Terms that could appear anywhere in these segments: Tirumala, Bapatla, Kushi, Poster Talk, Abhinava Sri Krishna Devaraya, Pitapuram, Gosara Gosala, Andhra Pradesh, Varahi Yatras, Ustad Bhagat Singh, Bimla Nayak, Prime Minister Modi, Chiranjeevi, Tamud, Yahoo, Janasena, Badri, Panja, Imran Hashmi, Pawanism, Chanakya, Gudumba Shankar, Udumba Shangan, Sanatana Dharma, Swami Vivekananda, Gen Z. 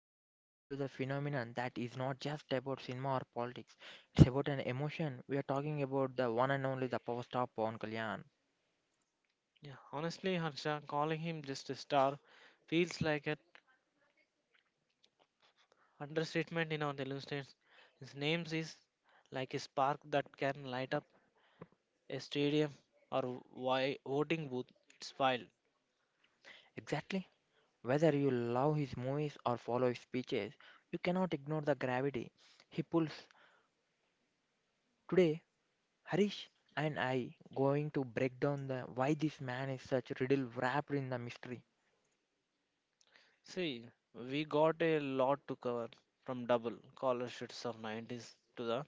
we are diving into the phenomenon that is not just about cinema or politics. It's about an emotion. We are talking about the one and only the power star Pawan Kalyan. Yeah, honestly, Harsha, calling him just a star feels like an understatement in our Telugu states. His name is like a spark that can light up a stadium or voting booth. It's wild. Exactly. Whether you love his movies or follow his speeches, you cannot ignore the gravity he pulls. Today, Harish and I going to break down the why this man is such riddle wrapped in the mystery. See, we got a lot to cover from double scholarships of 90s to the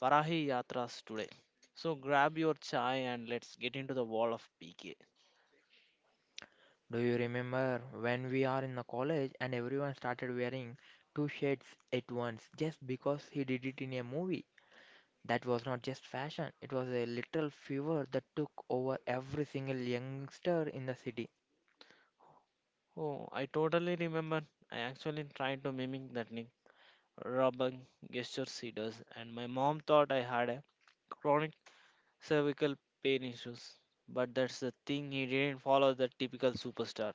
Varahi Yatras today. So grab your chai and let's get into the wall of PK. Do you remember when we are in the college and everyone started wearing two shades at once just because he did it in a movie? That was not just fashion, it was a literal fever that took over every single youngster in the city. Oh, I totally remember. I actually tried to mimic that rubbing gesture she does, and my mom thought I had a chronic cervical pain issues. But that's the thing, he didn't follow the typical superstar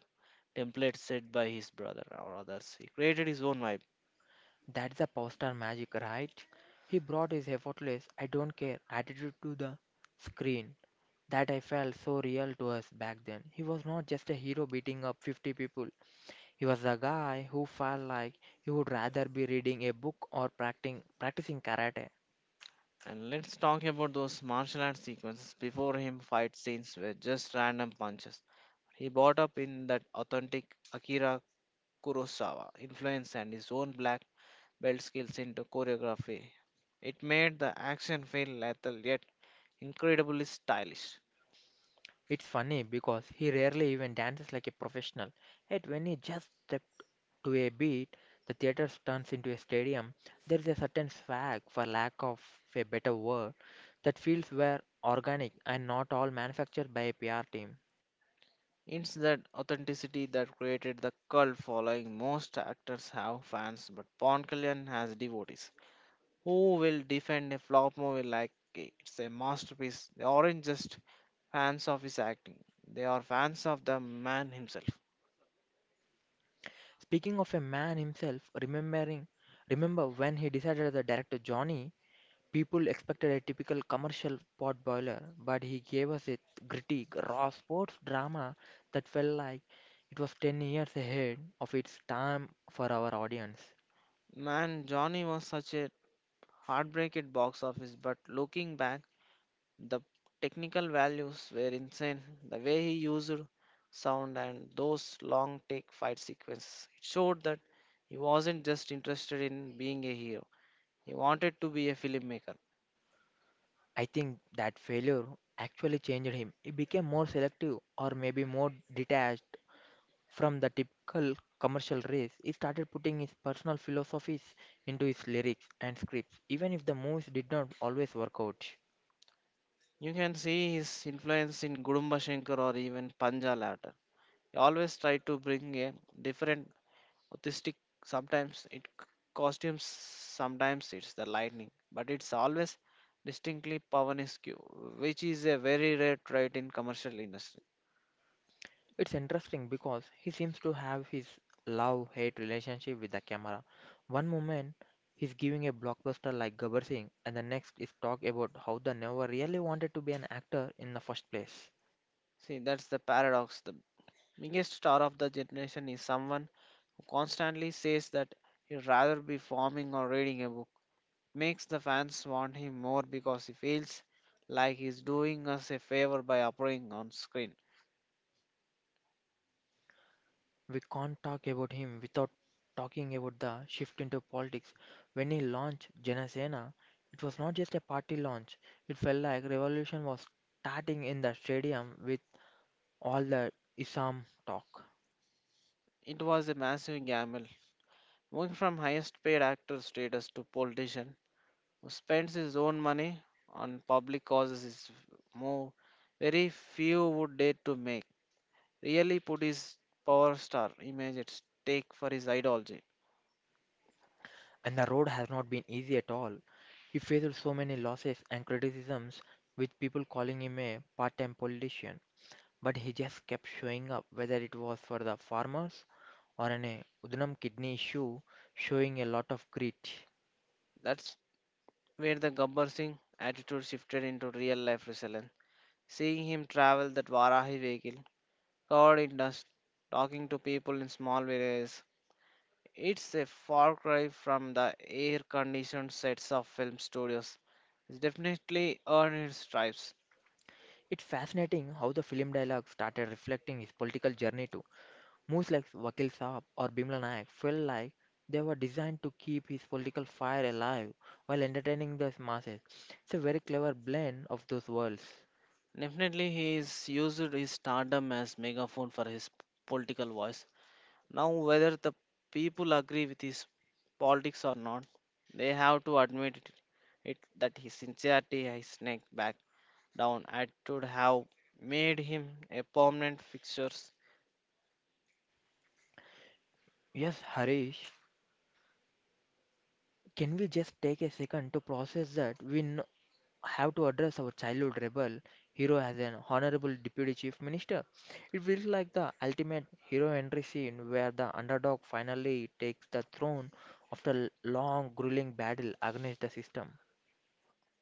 template set by his brother or others. He created his own vibe. That's the poster magic, right? He brought his effortless, I don't care attitude to the screen. That I felt so real to us back then. He was not just a hero beating up 50 people. He was a guy who felt like he would rather be reading a book or practicing karate. And let's talk about those martial arts sequences. Before him, fight scenes were just random punches. He brought up in that authentic Akira Kurosawa influence and his own black belt skills into choreography. It made the action feel lethal yet incredibly stylish. It's funny because he rarely even dances like a professional, yet when he just steps to a beat, the theater turns into a stadium. There is a certain swag, for lack of a better word, that feels were organic and not all manufactured by a PR team. It's that authenticity that created the cult following. Most actors have fans, but Paul Kalyan has devotees who will defend a flop movie like it's a masterpiece. They aren't just fans of his acting, they are fans of the man himself. Speaking of a man himself, remember when he decided as a director Johnny. People expected a typical commercial pot boiler, but he gave us a gritty, raw sports drama that felt like it was 10 years ahead of its time for our audience. Man, Johnny was such a heartbreaking box office, but looking back, the technical values were insane. The way he used sound and those long take fight sequences. It showed that he wasn't just interested in being a hero. He wanted to be a filmmaker. I think that failure actually changed him. He became more selective or maybe more detached from the typical commercial race. He started putting his personal philosophies into his lyrics and scripts, even if the movies did not always work out. You can see his influence in Gudumba Shankar or even Panja later. He always tried to bring a different artistic, sometimes costumes, sometimes it's the lightning, but it's always distinctly Pavan is, which is a very rare trait in commercial industry. It's interesting because he seems to have his love hate relationship with the camera. One moment he's giving a blockbuster like Gabbar Singh, and the next is talk about how the never really wanted to be an actor in the first place. See, that's the paradox. The biggest star of the generation is someone who constantly says that he'd rather be farming or reading a book. Makes the fans want him more because he feels like he's doing us a favor by appearing on screen. We can't talk about him without talking about the shift into politics. When he launched Janasena, it was not just a party launch, it felt like revolution was starting in the stadium with all the Islam talk. It was a massive gamble, moving from highest paid actor status to politician who spends his own money on public causes is move very few would dare to make. Really put his power star image at stake for his ideology. And the road has not been easy at all. He faced so many losses and criticisms, with people calling him a part time politician. But he just kept showing up, whether it was for the farmers or an Udnam kidney issue, showing a lot of grit. That's where the Gabbar Singh attitude shifted into real life resilience. Seeing him travel that Varahi vehicle, covered in dust, talking to people in small villages, it's a far cry from the air conditioned sets of film studios. He's definitely earned his stripes. It's fascinating how the film dialogue started reflecting his political journey too. Moves like Vakil Saab or Bimla Nayak felt like they were designed to keep his political fire alive while entertaining the masses. It's a very clever blend of those worlds. Definitely, he's used his stardom as megaphone for his political voice. Now, whether the people agree with his politics or not, they have to admit it, it that his sincerity, his neck back down attitude have made him a permanent fixture. Yes, Harish, can we just take a second to process that have to address our childhood rebel hero as an honorable deputy chief minister? It feels like the ultimate hero entry scene where the underdog finally takes the throne after a long, grueling battle against the system.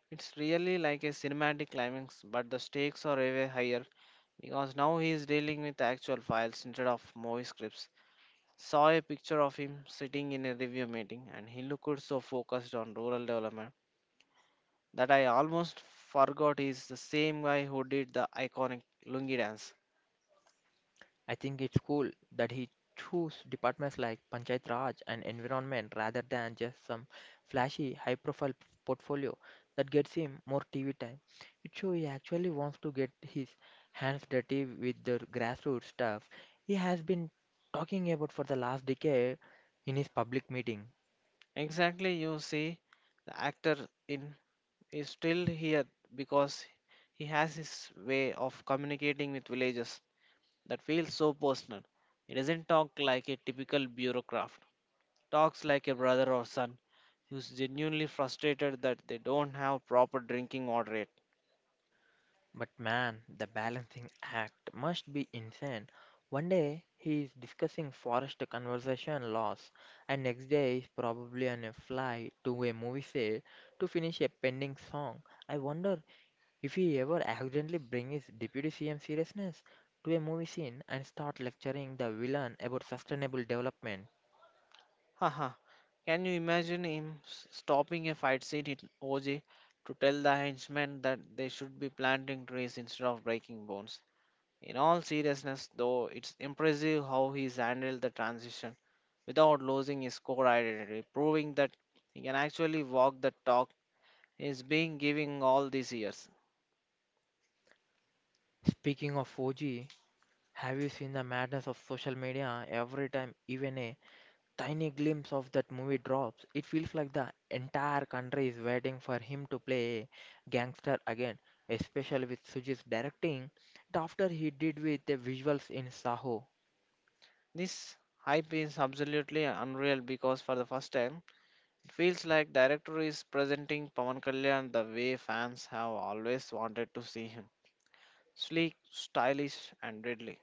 It's really like a cinematic climax, but the stakes are way higher because now he is dealing with actual files instead of movie scripts. Saw a picture of him sitting in a review meeting and he looked so focused on rural development that I almost forgot is the same guy who did the iconic Lungi dance. I think it's cool that he chose departments like Panchayat Raj and environment rather than just some flashy, high profile portfolio that gets him more TV time. It shows he actually wants to get his hands dirty with the grassroots stuff he has been talking about for the last decade in his public meeting. Exactly, you see, the actor in is still here because he has his way of communicating with villagers that feels so personal. He doesn't talk like a typical bureaucrat. Talks like a brother or son who's genuinely frustrated that they don't have proper drinking water yet. But man, the balancing act must be insane. One day he is discussing forest conservation laws, and next day is probably on a flight to a movie set to finish a pending song. I wonder if he ever accidentally brings his deputy CM seriousness to a movie scene and start lecturing the villain about sustainable development. Haha, can you imagine him stopping a fight scene in OJ to tell the henchmen that they should be planting trees instead of breaking bones? In all seriousness, though, it's impressive how he's handled the transition without losing his core identity, proving that he can actually walk the talk he's been giving all these years. Speaking of 4G, have you seen the madness of social media every time even a tiny glimpse of that movie drops? It feels like the entire country is waiting for him to play a gangster again, especially with Sujit's directing it after he did with the visuals in Saho. This hype is absolutely unreal because, for the first time, it feels like director is presenting Pawan Kalyan the way fans have always wanted to see him. Sleek, stylish and deadly.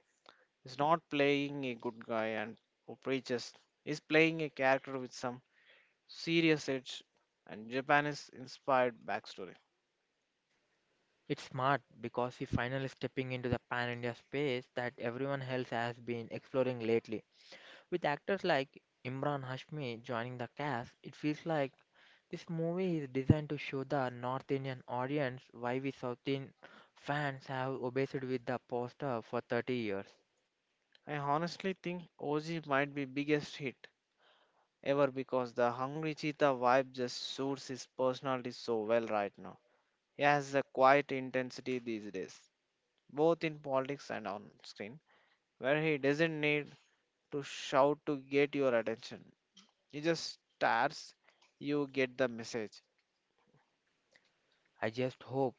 He's not playing a good guy and who preaches. He's playing a character with some serious edge and Japanese inspired backstory. It's smart because he finally stepping into the pan-India space that everyone else has been exploring lately. With actors like Imran Hashmi joining the cast, it feels like this movie is designed to show the North Indian audience why we South Indian fans have obsessed with the poster for 30 years. I honestly think OG might be biggest hit ever because the Hungry Cheetah vibe just suits his personality so well right now. He has a quiet intensity these days, both in politics and on screen, where he doesn't need to shout to get your attention. He just stares, you get the message. I just hope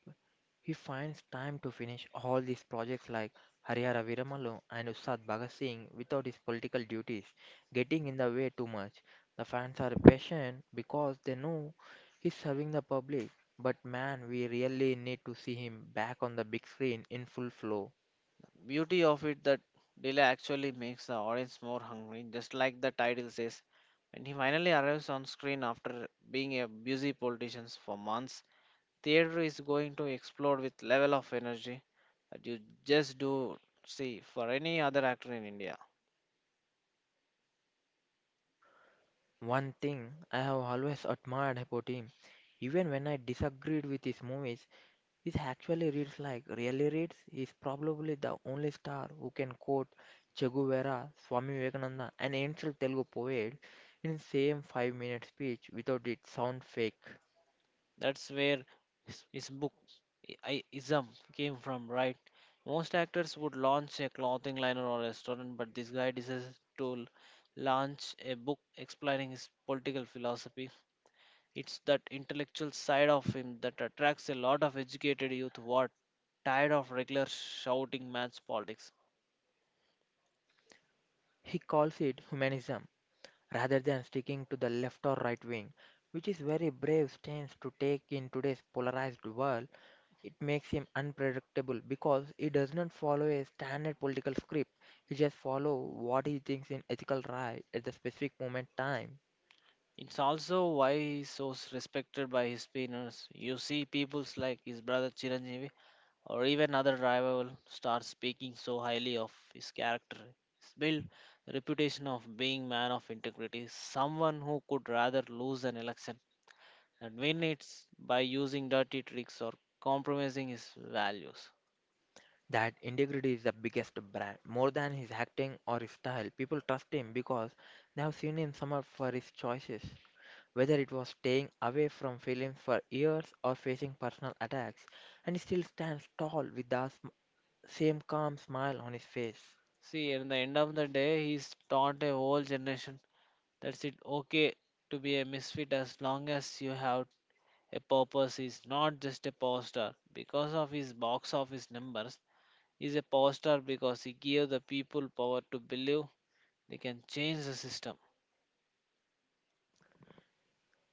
he finds time to finish all these projects like Harihara Viramalu and Ustad Bhagat Singh without his political duties getting in the way too much. The fans are patient because they know he's serving the public. But man, we really need to see him back on the big screen in full flow. Beauty of it that delay actually makes the audience more hungry, just like the title says. When he finally arrives on screen after being a busy politician for months, theater is going to explode with level of energy that you just do see for any other actor in India. One thing I have always admired about him, even when I disagreed with his movies, is actually reads like really reads. He's probably the only star who can quote Che Guevara, Swami Vivekananda, and ancient Telugu poet in same 5-minute speech without it sound fake. That's where his book ism came from, right? Most actors would launch a clothing line or a restaurant, but this guy decided to launch a book explaining his political philosophy. It's that intellectual side of him that attracts a lot of educated youth who are tired of regular shouting match politics. He calls it humanism rather than sticking to the left or right wing, which is very brave stance to take in today's polarized world. It makes him unpredictable because he does not follow a standard political script. He just follows what he thinks is ethical right at the specific moment time. It's also why he's so respected by his peers. You see, peoples like his brother Chiranjeevi or even other rival stars speaking so highly of his character. His build, the reputation of being man of integrity, someone who could rather lose an election and win it by using dirty tricks or compromising his values. That integrity is the biggest brand. More than his acting or his style, people trust him because they have seen him summer for his choices. Whether it was staying away from films for years or facing personal attacks, and he still stands tall with the same calm smile on his face. See, in the end of the day, he's taught a whole generation that's it okay to be a misfit as long as you have a purpose. He's not just a power star because of his box office numbers. Is a power star because he gave the people power to believe they can change the system.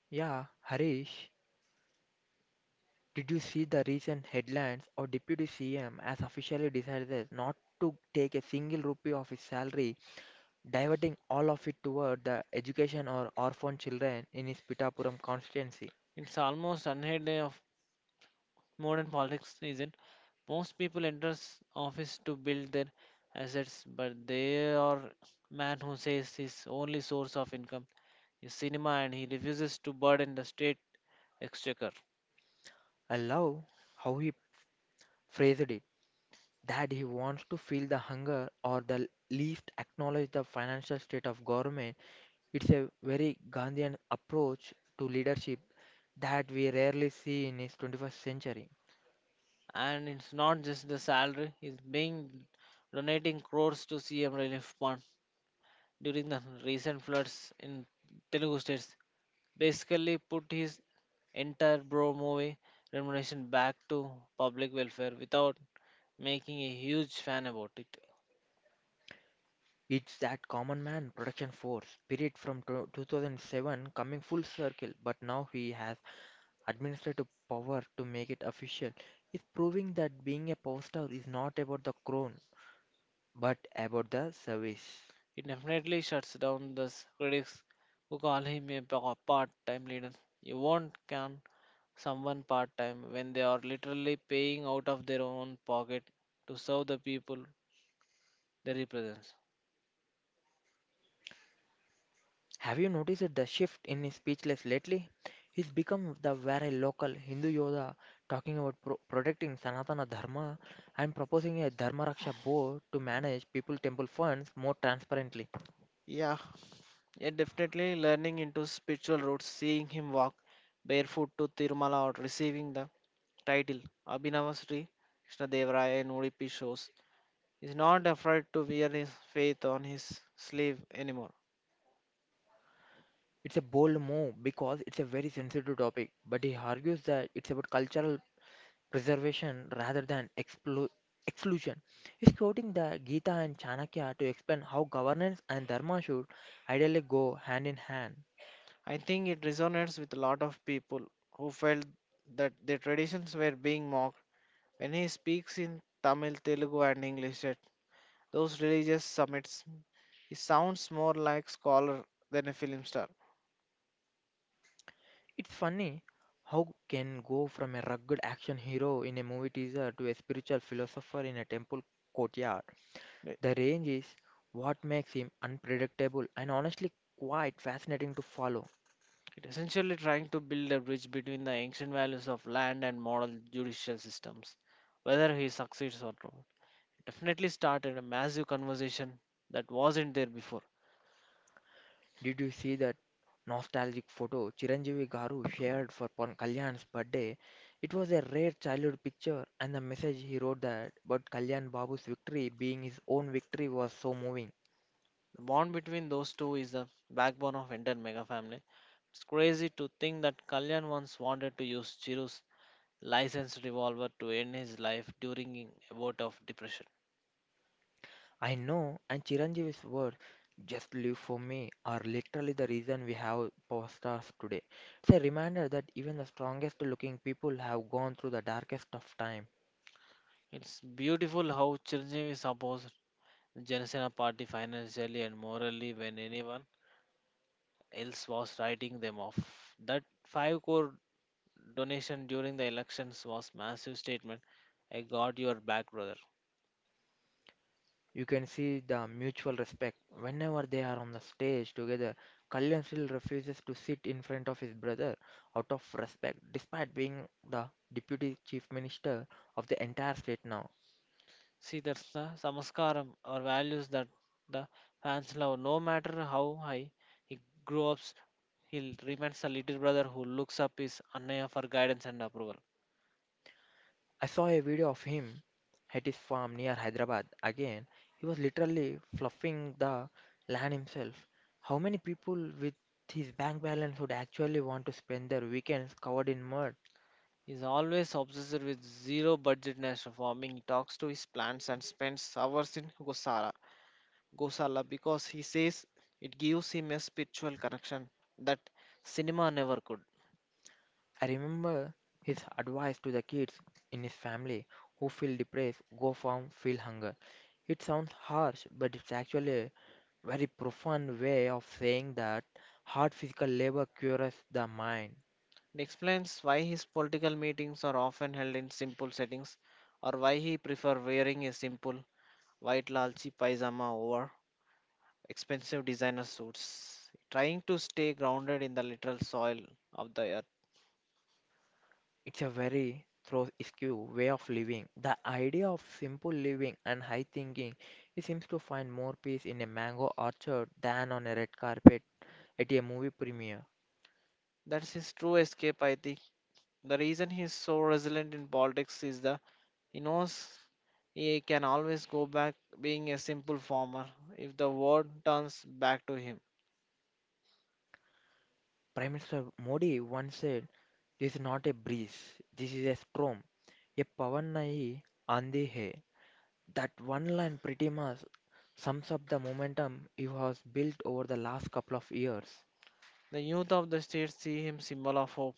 Yeah, Harish. Did you see the recent headlines of Deputy CM has officially decided not to take a single rupee of his salary, diverting all of it toward the education or orphan children in his Pitapuram constituency? It's almost unheard of modern politics isn't. Most people enter office to build their assets, but there are man who says his only source of income is cinema and he refuses to burden the state exchequer. I love how he phrased it, that he wants to feel the hunger or the least acknowledge the financial state of government. It's a very Gandhian approach to leadership that we rarely see in his 21st century. And it's not just the salary, he's being donating crores to CM relief fund during the recent floods in Telugu states. Basically put his entire bro movie remuneration back to public welfare without making a huge fan about it. It's that common man production force spirit from 2007 coming full circle, but now he has administrative power to make it official. He's proving that being a power star is not about the crown, but about the service. It definitely shuts down the critics who call him a part-time leader. You won't count someone part-time when they are literally paying out of their own pocket to serve the people they represent. Have you noticed the shift in his speechless lately? He's become the very local Hindu Yoda talking about protecting Sanatana Dharma and proposing a Dharma Raksha board to manage people temple funds more transparently. Yeah, yeah, definitely learning into spiritual roots, seeing him walk barefoot to Tirumala or receiving the title Abhinava Sri Krishna Devaraya in Udupi shows is not afraid to wear his faith on his sleeve anymore. It's a bold move because it's a very sensitive topic, but he argues that it's about cultural preservation rather than exclusion. He's quoting the Gita and Chanakya to explain how governance and dharma should ideally go hand in hand. I think it resonates with a lot of people who felt that their traditions were being mocked. When he speaks in Tamil, Telugu, and English at those religious summits, he sounds more like scholar than a film star. It's funny how can go from a rugged action hero in a movie teaser to a spiritual philosopher in a temple courtyard. The range is what makes him unpredictable and honestly quite fascinating to follow. It essentially trying to build a bridge between the ancient values of land and modern judicial systems, whether he succeeds or not. Definitely started a massive conversation that wasn't there before. Did you see that nostalgic photo Chiranjeevi Garu shared for Pan Kalyan's birthday? It was a rare childhood picture, and the message he wrote that, but Kalyan Babu's victory being his own victory was so moving. The bond between those two is the backbone of entire mega family. It's crazy to think that Kalyan once wanted to use Chiru's licensed revolver to end his life during a vote of depression. I know, and Chiranjeevi's words, just live for me, are literally the reason we have power stars today. It's a reminder that even the strongest looking people have gone through the darkest of times. It's beautiful how Chiranjeevi supports the Janasena party financially and morally when anyone else was writing them off. That 5 crore donation during the elections was massive statement. I got your back, brother. You can see the mutual respect. Whenever they are on the stage together, Kalyan still refuses to sit in front of his brother out of respect, despite being the deputy chief minister of the entire state now. See, that's the samaskaram or values that the fans love. No matter how high he grows up, he remains a little brother who looks up his Annaya for guidance and approval. I saw a video of him at his farm near Hyderabad. Again, he was literally fluffing the land himself. How many people with his bank balance would actually want to spend their weekends covered in mud? He's always obsessed with zero budget national farming. He talks to his plants and spends hours in Gosara Gosala because he says it gives him a spiritual connection that cinema never could. I remember his advice to the kids in his family who feel depressed go from feel hunger. It sounds harsh, but it's actually a very profound way of saying that hard physical labor cures the mind. It explains why his political meetings are often held in simple settings or why he prefers wearing a simple white lalchi paisama over expensive designer suits, trying to stay grounded in the literal soil of the earth. It's a very throw askew way of living. The idea of simple living and high thinking, he seems to find more peace in a mango orchard than on a red carpet at a movie premiere. That's his true escape, I think. The reason he's so resilient in politics is the he knows he can always go back being a simple farmer if the world turns back to him. Prime Minister Modi once said, "This is not a breeze, this is a storm. A Pavanai Andi Hai." That one line pretty much sums up the momentum it has built over the last couple of years. The youth of the state see him symbol of hope.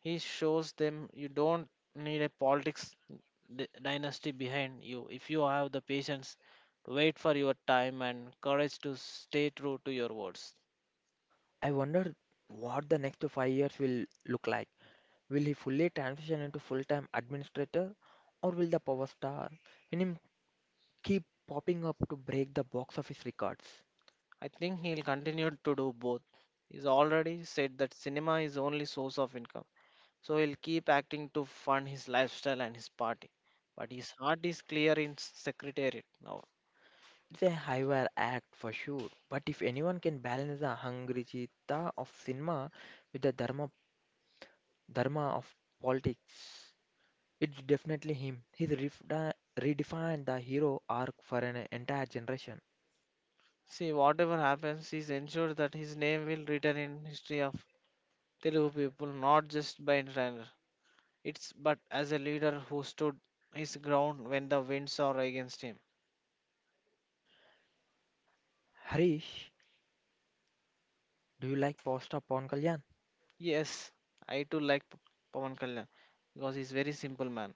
He shows them you don't need a politics dynasty behind you if you have the patience to wait for your time and courage to stay true to your words. I wonder what the next 5 years will look like. Will he fully transition into full time administrator, or will the power star in him keep popping up to break the box office records? I think he'll continue to do both. He's already said that cinema is only source of income. So he'll keep acting to fund his lifestyle and his party. But his heart is clear in secretariat now. It's a higher act for sure, but if anyone can balance the hungry chitta of cinema with the dharma of politics, it's definitely him. He's redefined the hero arc for an entire generation. See, whatever happens, he's ensured that his name will return in history of Telugu people, not just by entertainer. It's but as a leader who stood his ground when the winds are against him. Harish, do you like Posta Pawan Kalyan? Yes, I too like Pawan Kalyan because he's very simple man.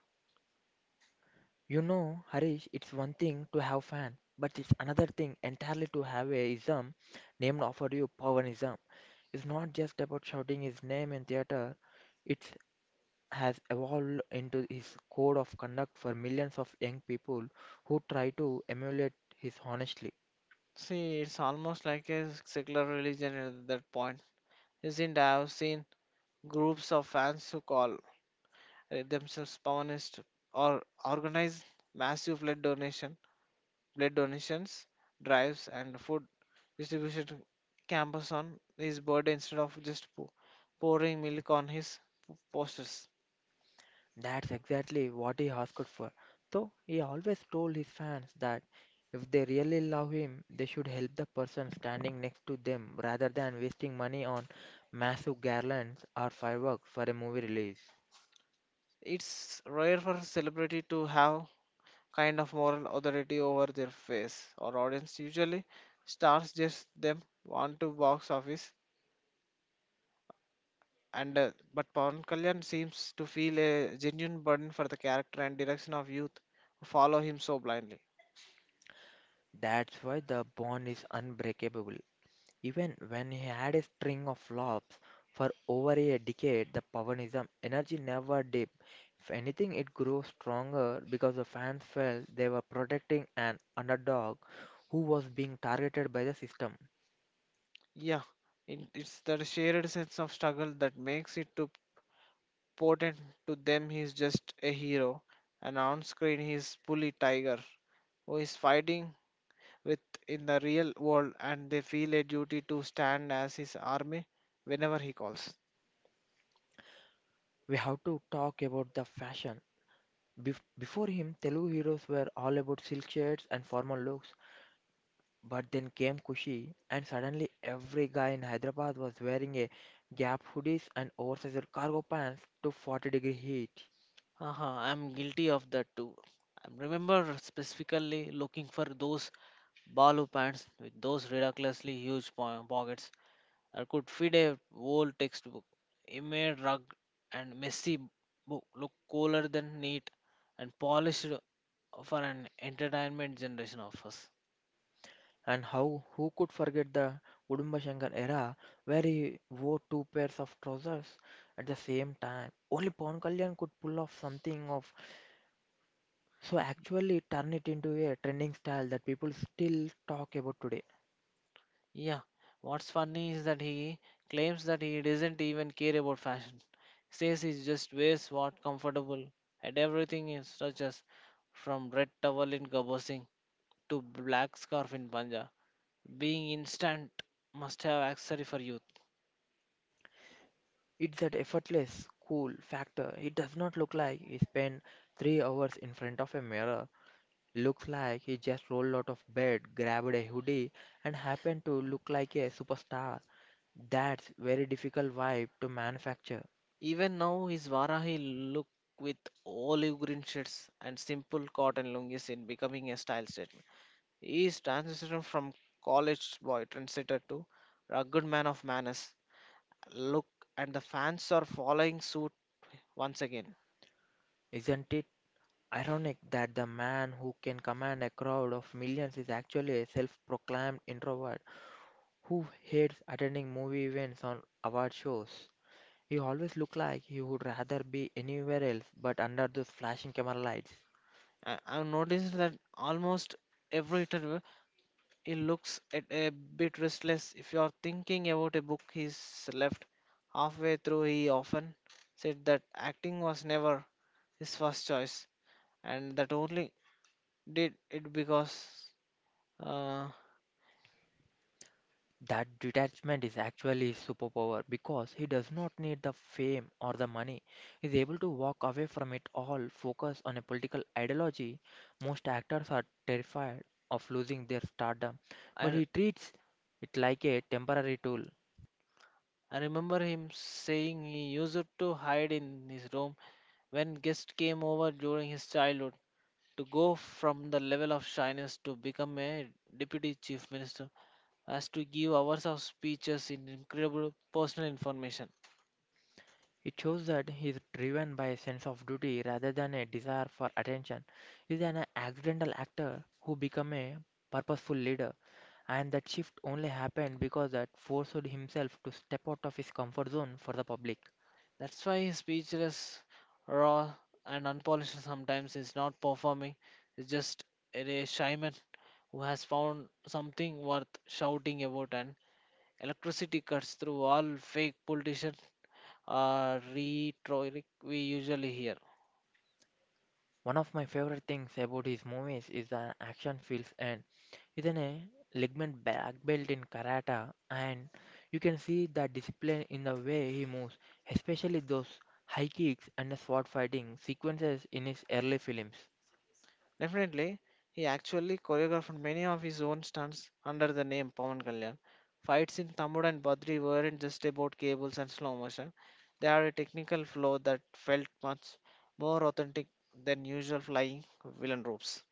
You know, Harish, it's one thing to have fan, but it's another thing entirely to have a ism named after you, Pawanism. It's not just about shouting his name in theater. It's has evolved into his code of conduct for millions of young people who try to emulate his honesty. See, it's almost like a secular religion at that point. Isn't I have seen groups of fans who call themselves Pawanists, or organize massive blood donations, drives, and food distribution campus on his birthday instead of just pouring milk on his posters. That's exactly what he asked for. So he always told his fans that if they really love him, they should help the person standing next to them rather than wasting money on massive garlands or fireworks for a movie release. It's rare for a celebrity to have kind of moral authority over their face or audience. Usually, stars just them want to box office and but Pawan Kalyan seems to feel a genuine burden for the character and direction of youth who follow him so blindly. That's why the bond is unbreakable. Even when he had a string of flops for over a decade, the Pavanism energy never dipped. If anything, it grew stronger because the fans felt they were protecting an underdog who was being targeted by the system. Yeah, in, it's that shared sense of struggle that makes it too potent to them. He's just a hero, and on screen he's bully tiger who is fighting with in the real world, and they feel a duty to stand as his army whenever he calls. We have to talk about the fashion. Before him, Telugu heroes were all about silk shirts and formal looks. But then came Kushi, and suddenly every guy in Hyderabad was wearing a gap hoodies and oversized cargo pants to 40 degree heat. Uh-huh, I'm guilty of that too. I remember specifically looking for those balu pants with those ridiculously huge pockets. I could fit a whole textbook. It made rug and messy book look cooler than neat and polished for an entertainment generation of us. And how who could forget the Udumba Shangan era where he wore two pairs of trousers at the same time? Only Pawan Kalyan could pull off something of so actually turn it into a trending style that people still talk about today. Yeah, what's funny is that he claims that he doesn't even care about fashion. Says he just wears what comfortable, and everything is such as from red towel in Gabba Singh to black scarf in Punjab. Being instant must have accessory for youth. It's that effortless, cool factor. It does not look like he spent 3 hours in front of a mirror. Looks like he just rolled out of bed, grabbed a hoodie, and happened to look like a superstar. That's very difficult vibe to manufacture. Even now his Varahi look with olive green shirts and simple cotton lungis in becoming a style statement. He is transitioning from college boy trendsetter to rugged man of manners. Look, and the fans are following suit once again. Isn't it ironic that the man who can command a crowd of millions is actually a self proclaimed introvert who hates attending movie events or award shows? He always looks like he would rather be anywhere else but under those flashing camera lights. I've noticed that almost every interview he looks at a bit restless. If you're thinking about a book he's left halfway through, he often said that acting was never his first choice, and that only did it because uh, That detachment is actually his superpower because he does not need the fame or the money. He is able to walk away from it all, focus on a political ideology. Most actors are terrified of losing their stardom, but I he treats it like a temporary tool. I remember him saying he used to hide in his room when guests came over during his childhood, to go from the level of shyness to become a deputy chief minister, as to give hours of speeches in incredible personal information. It shows that he is driven by a sense of duty rather than a desire for attention. He is an accidental actor who became a purposeful leader, and that shift only happened because that forced himself to step out of his comfort zone for the public. That's why his speechless, raw, and unpolished sometimes is not performing. It's just a shy man who has found something worth shouting about, and electricity cuts through all fake politician rhetoric we usually hear. One of my favorite things about his movies is the action feels, and he's an a ligament black belt in karate, and you can see the discipline in the way he moves, especially those high kicks and the sword fighting sequences in his early films. Definitely, he actually choreographed many of his own stunts under the name Pawan Kalyan. Fights in Tamud and Badri weren't just about cables and slow motion. They had a technical flow that felt much more authentic than usual flying villain ropes.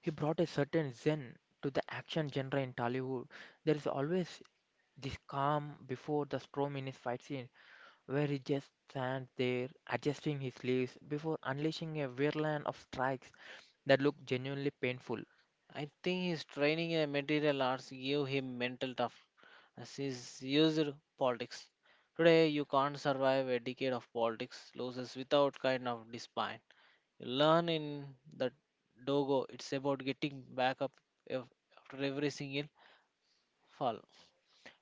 He brought a certain zen to the action genre in Tollywood. There is always this calm before the storm in his fight scene, where he just stands there adjusting his sleeves before unleashing a whirlwind of strikes that look genuinely painful. I think his training in material arts gave him mental toughness. He's used politics. Today, you can't survive a decade of politics losses without kind of despair. You learn in the dogo it's about getting back up ev- after every single fall.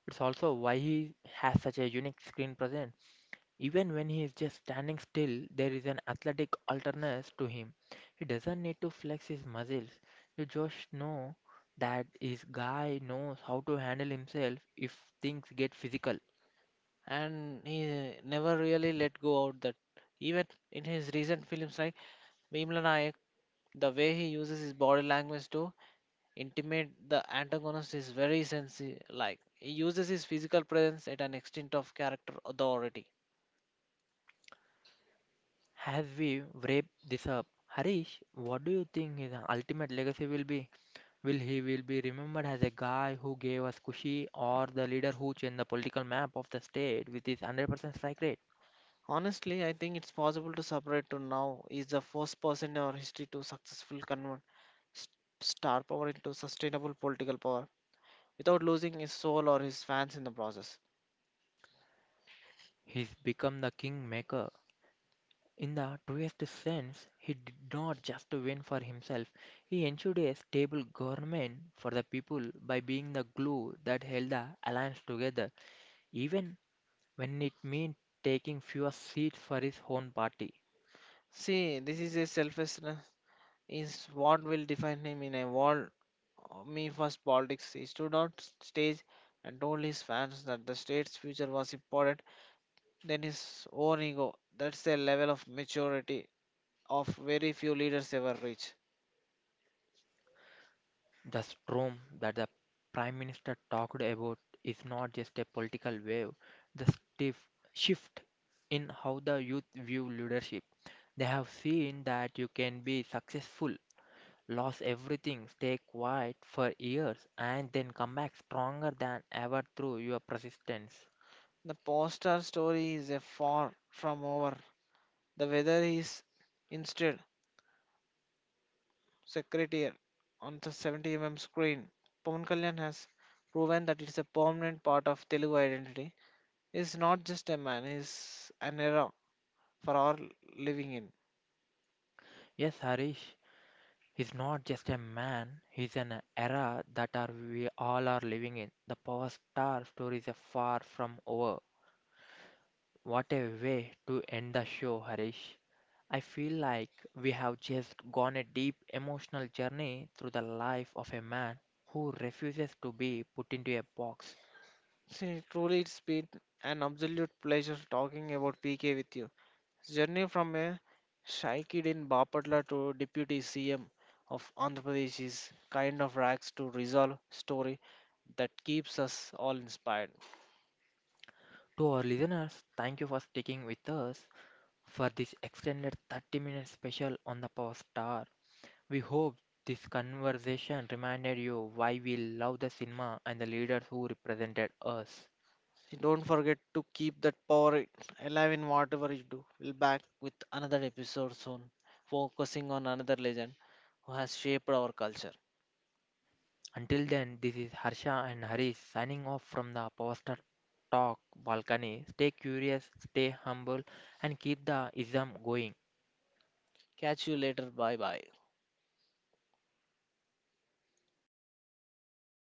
It's also why he has such a unique screen presence. Even when he is just standing still, there is an athletic alterness to him. He doesn't need to flex his muscles. You just know that this guy knows how to handle himself if things get physical. And he never really let go of that, even in his recent films like Bhimla Nayak, the way he uses his body language to intimidate the antagonist is very sensi, like he uses his physical presence at an extent of character authority. As we wrap this up, Harish, what do you think his ultimate legacy will be? Will he will be remembered as a guy who gave us Kushi, or the leader who changed the political map of the state with his 100% strike rate? Honestly, I think it's possible to separate to now is the first person in our history to successful convert s- star power into sustainable political power without losing his soul or his fans in the process. He's become the kingmaker. In the truest sense, he did not just win for himself, he ensured a stable government for the people by being the glue that held the alliance together, even when it meant taking fewer seats for his own party. See, this is a selflessness is what will define him in a world of me first politics. He stood on stage and told his fans that the state's future was important than his own ego. That's a level of maturity of very few leaders ever reach. The storm that the Prime Minister talked about is not just a political wave, the stiff shift in how the youth view leadership. They have seen that you can be successful, lose everything, stay quiet for years, and then come back stronger than ever through your persistence. The poster story is a far from over. The weather is instead Secretary on the 70 mm screen. Pawan Kalyan has proven that it's a permanent part of Telugu identity. It's not just a man, it's an era for our living in. Yes, Harish is not just a man, he's an era that are we all are living in. The power star stories are far from over. What a way to end the show, Harish! I feel like we have just gone a deep emotional journey through the life of a man who refuses to be put into a box. See, truly, it's been an absolute pleasure talking about PK with you. His journey from a shy kid in Bapatla to Deputy CM of Andhra Pradesh is kind of rags to resolve story that keeps us all inspired. To our listeners, thank you for sticking with us for this extended 30-minute special on the Power Star. We hope this conversation reminded you why we love the cinema and the leaders who represented us. So don't forget to keep that power alive in whatever you do. We'll back with another episode soon, focusing on another legend who has shaped our culture. Until then, this is Harsha and Harish signing off from the Poster Talk balcony. Stay curious, stay humble, and keep the ism going. Catch you later. Bye bye.